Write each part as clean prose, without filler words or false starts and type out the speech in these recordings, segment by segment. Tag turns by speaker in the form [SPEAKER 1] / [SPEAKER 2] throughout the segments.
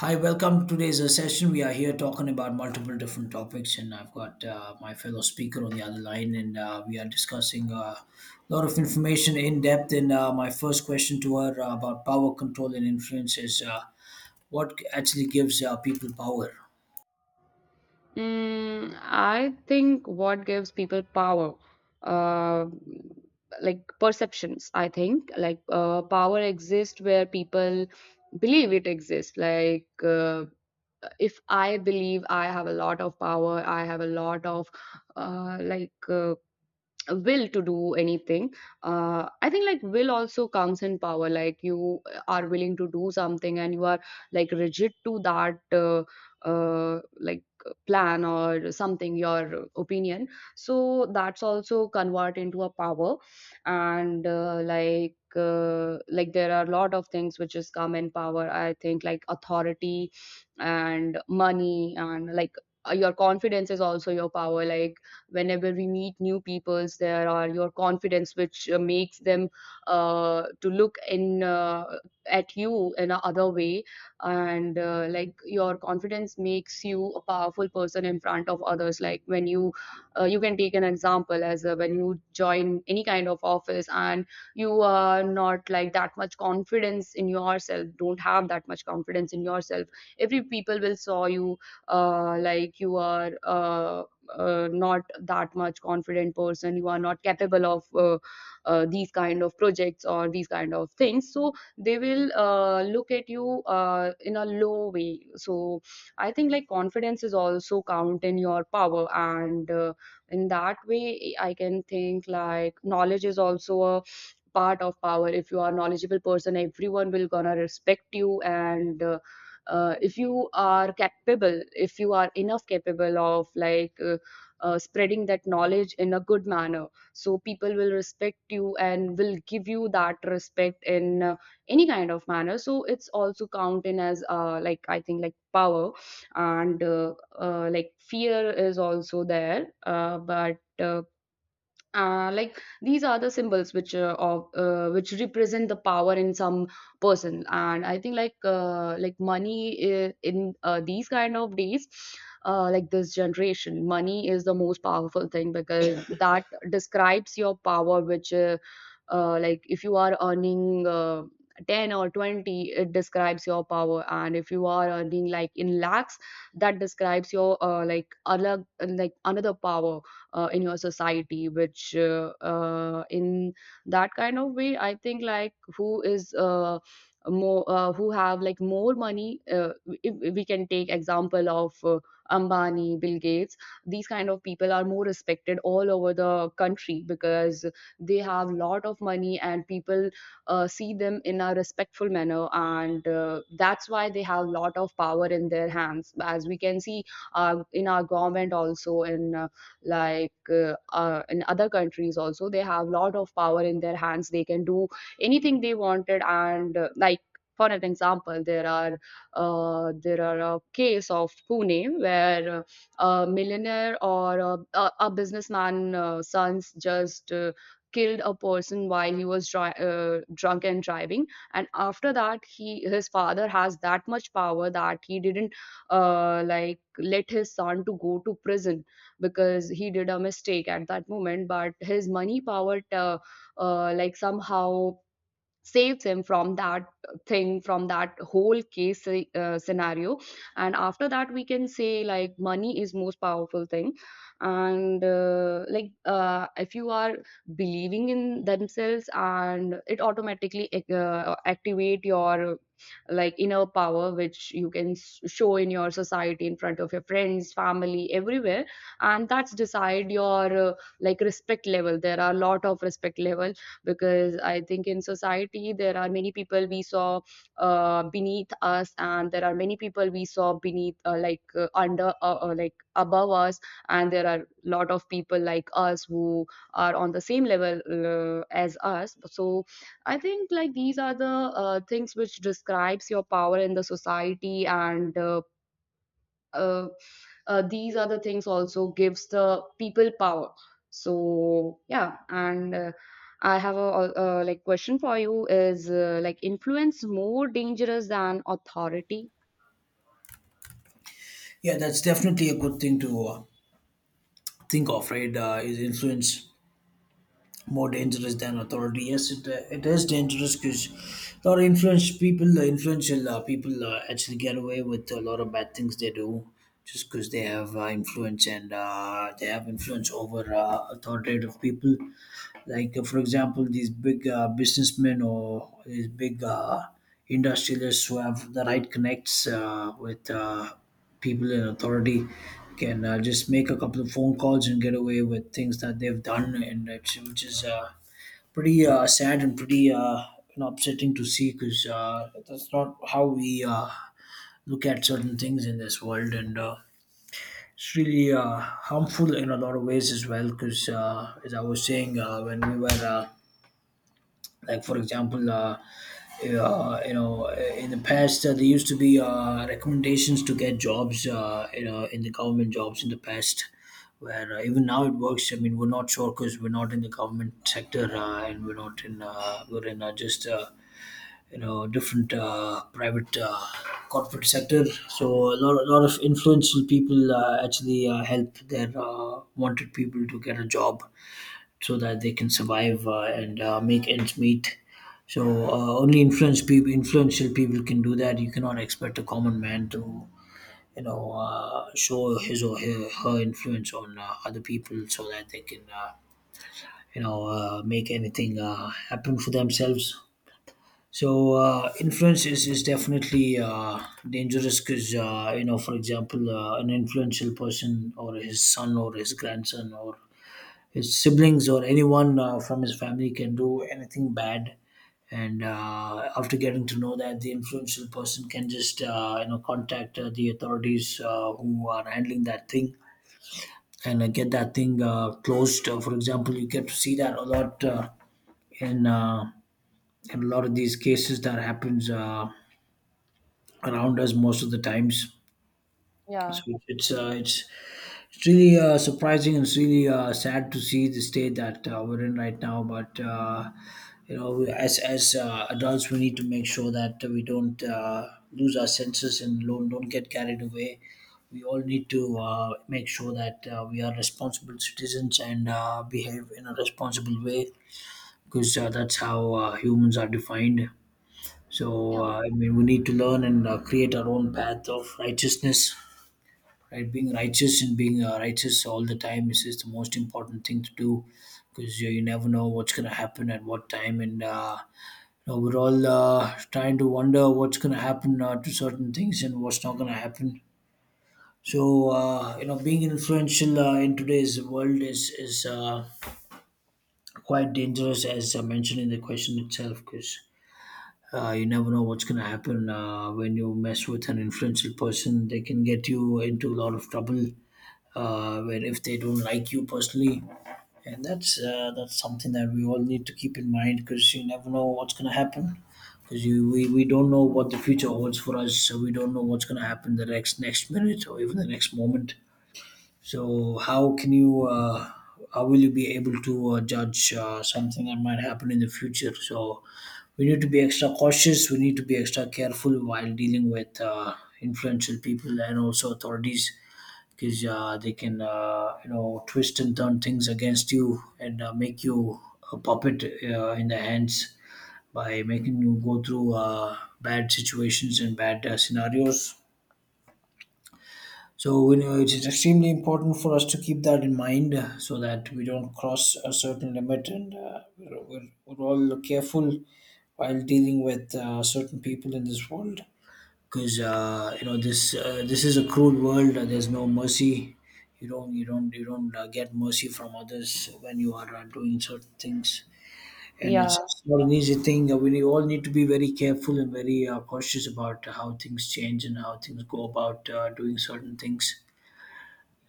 [SPEAKER 1] Hi, welcome to today's session. We are here talking about multiple different topics, and I've got my fellow speaker on the other line, and we are discussing a lot of information in depth. And my first question to her about power, control and influence is what actually gives people power?
[SPEAKER 2] Mm, I think what gives people power, uh, like perceptions, I think, power exists where people believe it exists. If I believe I have a lot of power, I have a lot of uh, like uh, will to do anything. I think like will also comes in power, like you are willing to do something and you are like rigid to that like plan or something, your opinion, so that's also convert into a power. And like there are a lot of things which is come in power. I think like authority and money and like your confidence is also your power. Like whenever we meet new peoples, there are your confidence which makes them to look in at you in a other way. And like your confidence makes you a powerful person in front of others. Like when you you can take an example as when you join any kind of office and you are not like that much confidence in yourself, don't have that much confidence in yourself, every people will saw you like you are not that much confident person, you are not capable of these kind of projects or these kind of things, so they will look at you in a low way. So I think like confidence is also count in your power. And in that way I can think like knowledge is also a part of power. If you are knowledgeable person, everyone will gonna respect you. And if you are capable, if you are enough capable of spreading that knowledge in a good manner, so people will respect you and will give you that respect in any kind of manner, so it's also counted as like, I think like power. And like fear is also there, but like these are the symbols which which represent the power in some person. And I think like money in these kind of days, like this generation, money is the most powerful thing, because that describes your power which like if you are earning 10 or 20, it describes your power. And if you are earning like in lakhs, that describes your like other, like another power in your society, which in that kind of way, I think like who is more who have like more money. If we can take example of Ambani, Bill Gates, these kind of people are more respected all over the country because they have lot of money, and people see them in a respectful manner. And that's why they have lot of power in their hands, as we can see in our government also, in other countries also, they have a lot of power in their hands, they can do anything they wanted. And like for an example, there are a case of Pune where a millionaire or a businessman sons just killed a person while he was drunk and driving. And after that, he his father has that much power that he didn't like let his son to go to prison because he did a mistake at that moment. But his money power like somehow saves him from that thing, from that whole case scenario. And after that, we can say like money is most powerful thing. And if you are believing in themselves, and it automatically activate your like inner power, which you can show in your society, in front of your friends, family, everywhere. And that's decide your like respect level. There are a lot of respect level, because I think in society there are many people we saw beneath us, and there are many people we saw beneath, like under, like above us, and there are lot of people like us who are on the same level as us. So I think like these are the things which describes your power in the society. And uh, these other things also gives the people power. So yeah. And I have a question for you is like, influence more dangerous than authority?
[SPEAKER 1] Yeah, that's definitely a good thing to think of, right? Is influence more dangerous than authority? Yes, it, it is dangerous because a lot of influence people, influential people actually get away with a lot of bad things they do just because they have influence, and they have influence over authoritative people, like for example these big businessmen or these big industrialists who have the right connects with people in authority. Can just make a couple of phone calls and get away with things that they've done, and which is pretty sad and pretty upsetting to see because that's not how we look at certain things in this world. And it's really harmful in a lot of ways as well because as I was saying when we were like for example you know in the past, there used to be recommendations to get jobs, you know, in the government, jobs in the past. Where even now it works, I mean, we're not sure because we're not in the government sector, and we're not in we're in just you know different private corporate sector. So a lot of influential people actually help their wanted people to get a job so that they can survive and make ends meet. So only influential people can do that. You cannot expect a common man to, show his or her influence on other people so that they can, make anything happen for themselves. So influence is definitely dangerous because, for example, an influential person or his son or his grandson or his siblings or anyone from his family can do anything bad, and after getting to know that, the influential person can just contact the authorities who are handling that thing and get that thing closed. For example, you get to see that a lot in uh, in a lot of these cases that happens around us most of the times.
[SPEAKER 2] Yeah.
[SPEAKER 1] So it's it's really surprising, and it's really sad to see the state that we're in right now. But we, as adults, we need to make sure that we don't lose our senses and don't get carried away. We all need to make sure that we are responsible citizens and behave in a responsible way because that's how humans are defined. So
[SPEAKER 2] Yeah.
[SPEAKER 1] I mean, we need to learn and create our own path of righteousness, right? Being righteous and being righteous all the time is just the most important thing to do because you never know what's going to happen at what time. And we're all trying to wonder what's going to happen to certain things and what's not going to happen. So being influential in today's world is quite dangerous, as I mentioned in the question itself, because you never know what's going to happen when you mess with an influential person. They can get you into a lot of trouble where if they don't like you personally, and that's something that we all need to keep in mind, because you never know what's gonna happen. Because you we don't know what the future holds for us, so we don't know what's gonna happen the next minute or even the next moment. So how can you how will you be able to judge something that might happen in the future? So we need to be extra cautious. We need to be extra careful while dealing with influential people and also authorities, because they can twist and turn things against you and make you a puppet in their hands by making you go through bad situations and bad scenarios. So, you know, it's extremely important for us to keep that in mind so that we don't cross a certain limit, and we're all careful while dealing with certain people in this world, because this this is a cruel world. There's no mercy. You don't you don't get mercy from others when you are doing certain things, and
[SPEAKER 2] Yeah,
[SPEAKER 1] it's not an easy thing. We need- all need to be very careful and very cautious about how things change and how things go about doing certain things.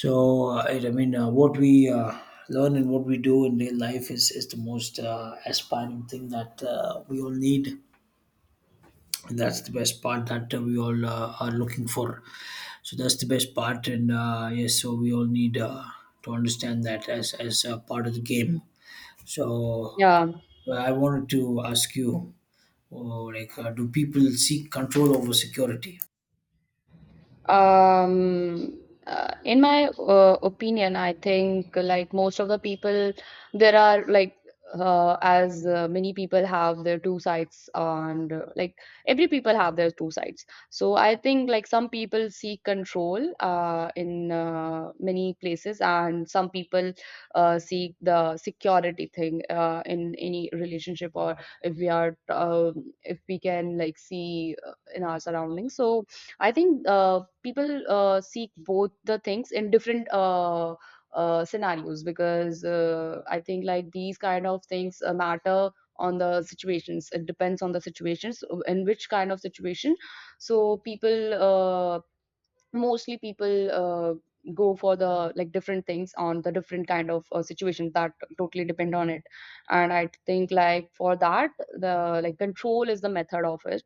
[SPEAKER 1] So I mean, what we learn and what we do in real life is the most aspiring thing that we all need, and that's the best part that we all are looking for. So that's the best part, and yes, so we all need to understand that as a part of the game. So,
[SPEAKER 2] yeah.
[SPEAKER 1] well, I wanted to ask you, oh, like, do people seek control over security?
[SPEAKER 2] Um, in my opinion, I think like most of the people, there are like as many people have their two sides, and like every people have their two sides. So I think like some people seek control in many places, and some people seek the security thing in any relationship, or if we are if we can like see in our surroundings. So I think people seek both the things in different scenarios, because I think like these kind of things matter on the situations. It depends on the situations in which kind of situation. So people mostly, people go for the like different things on the different kind of situations, that totally depend on it. And I think like for that, the like control is the method of it.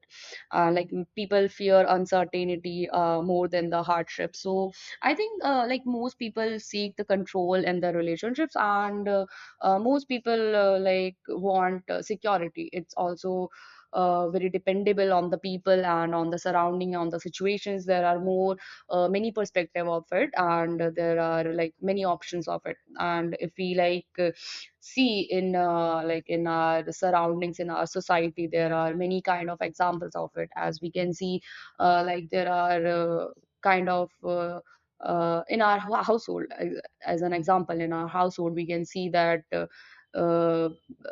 [SPEAKER 2] People fear uncertainty more than the hardship. So I think like most people seek the control in their relationships. And most people like want security. It's also very dependable on the people and on the surrounding, on the situations. There are more many perspective of it, and there are like many options of it. And if we see in like in our surroundings, in our society, there are many kind of examples of it, as we can see like there are kind of uh, in our household as an example. In our household, we can see that uh,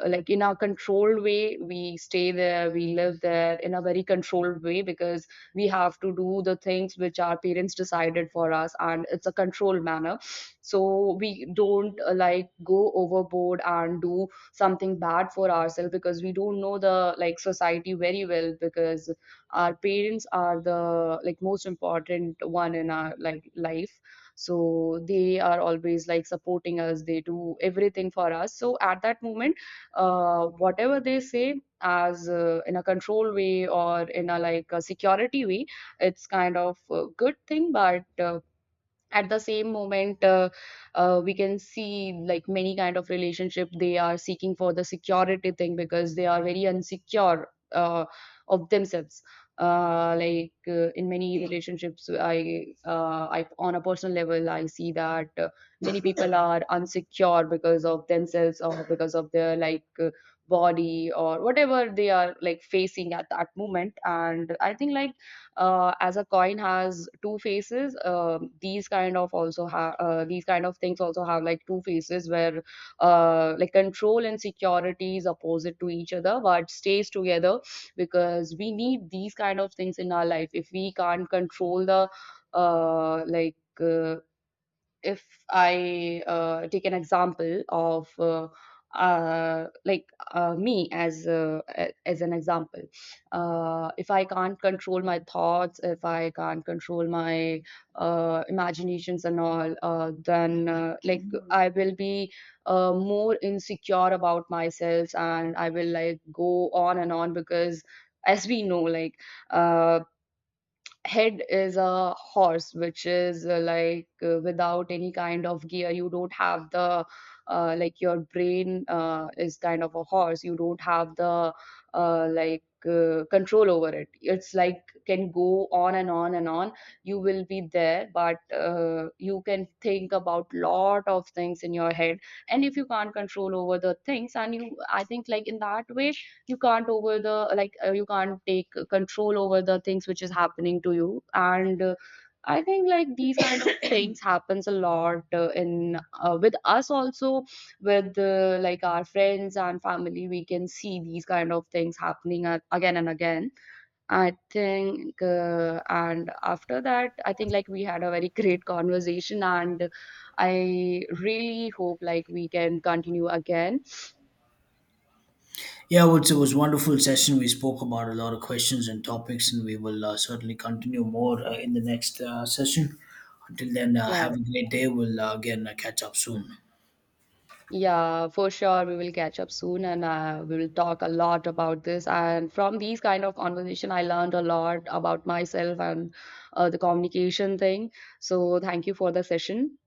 [SPEAKER 2] like in a controlled way we stay there, we live there in a very controlled way, because we have to do the things which our parents decided for us, and it's a controlled manner. So we don't like go overboard and do something bad for ourselves, because we don't know the like society very well. Because our parents are the like most important one in our like life, so they are always like supporting us, they do everything for us. So at that moment, whatever they say as in a control way or in a like a security way, it's kind of a good thing. But at the same moment, we can see like many kind of relationship, they are seeking for the security thing because they are very insecure of themselves. In many relationships, I on a personal level I see that many people are insecure because of themselves or because of their body or whatever they are like facing at that moment. And I think like as a coin has two faces, um, these kind of also have these kind of things also have like two faces, where like control and security is opposite to each other but stays together, because we need these kind of things in our life. If we can't control the uh, like uh, if I take an example of me as as an example, if I can't control my thoughts, if I can't control my imaginations and all, then like I will be more insecure about myself, and I will like go on and on. Because as we know, uh, head is a horse which is without any kind of gear. You don't have the like your brain is kind of a horse, you don't have the uh, like control over it. It's like can go on and on and on. You will be there, but you can think about lot of things in your head. And if you can't control over the things, and you, I think like in that way you can't over the you can't take control over the things which is happening to you. And I think like these kind of things happens a lot in with us also, with like our friends and family. We can see these kind of things happening again and again, I think. And after that, I think like we had a very great conversation, and I really hope like we can continue again.
[SPEAKER 1] Yeah, well, it was a wonderful session. We spoke about a lot of questions and topics, and we will certainly continue more in the next session. Until then,
[SPEAKER 2] Yeah.
[SPEAKER 1] have a great day. We'll again catch up soon.
[SPEAKER 2] Yeah, for sure. We will catch up soon, and we will talk a lot about this. And from these kind of conversation, I learned a lot about myself and the communication thing. So thank you for the session.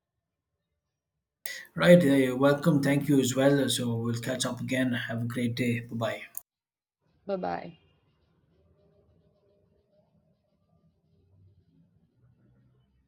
[SPEAKER 1] Right, you're welcome. Thank you as well. So we'll catch up again. Have a great day. Bye bye.
[SPEAKER 2] Bye bye.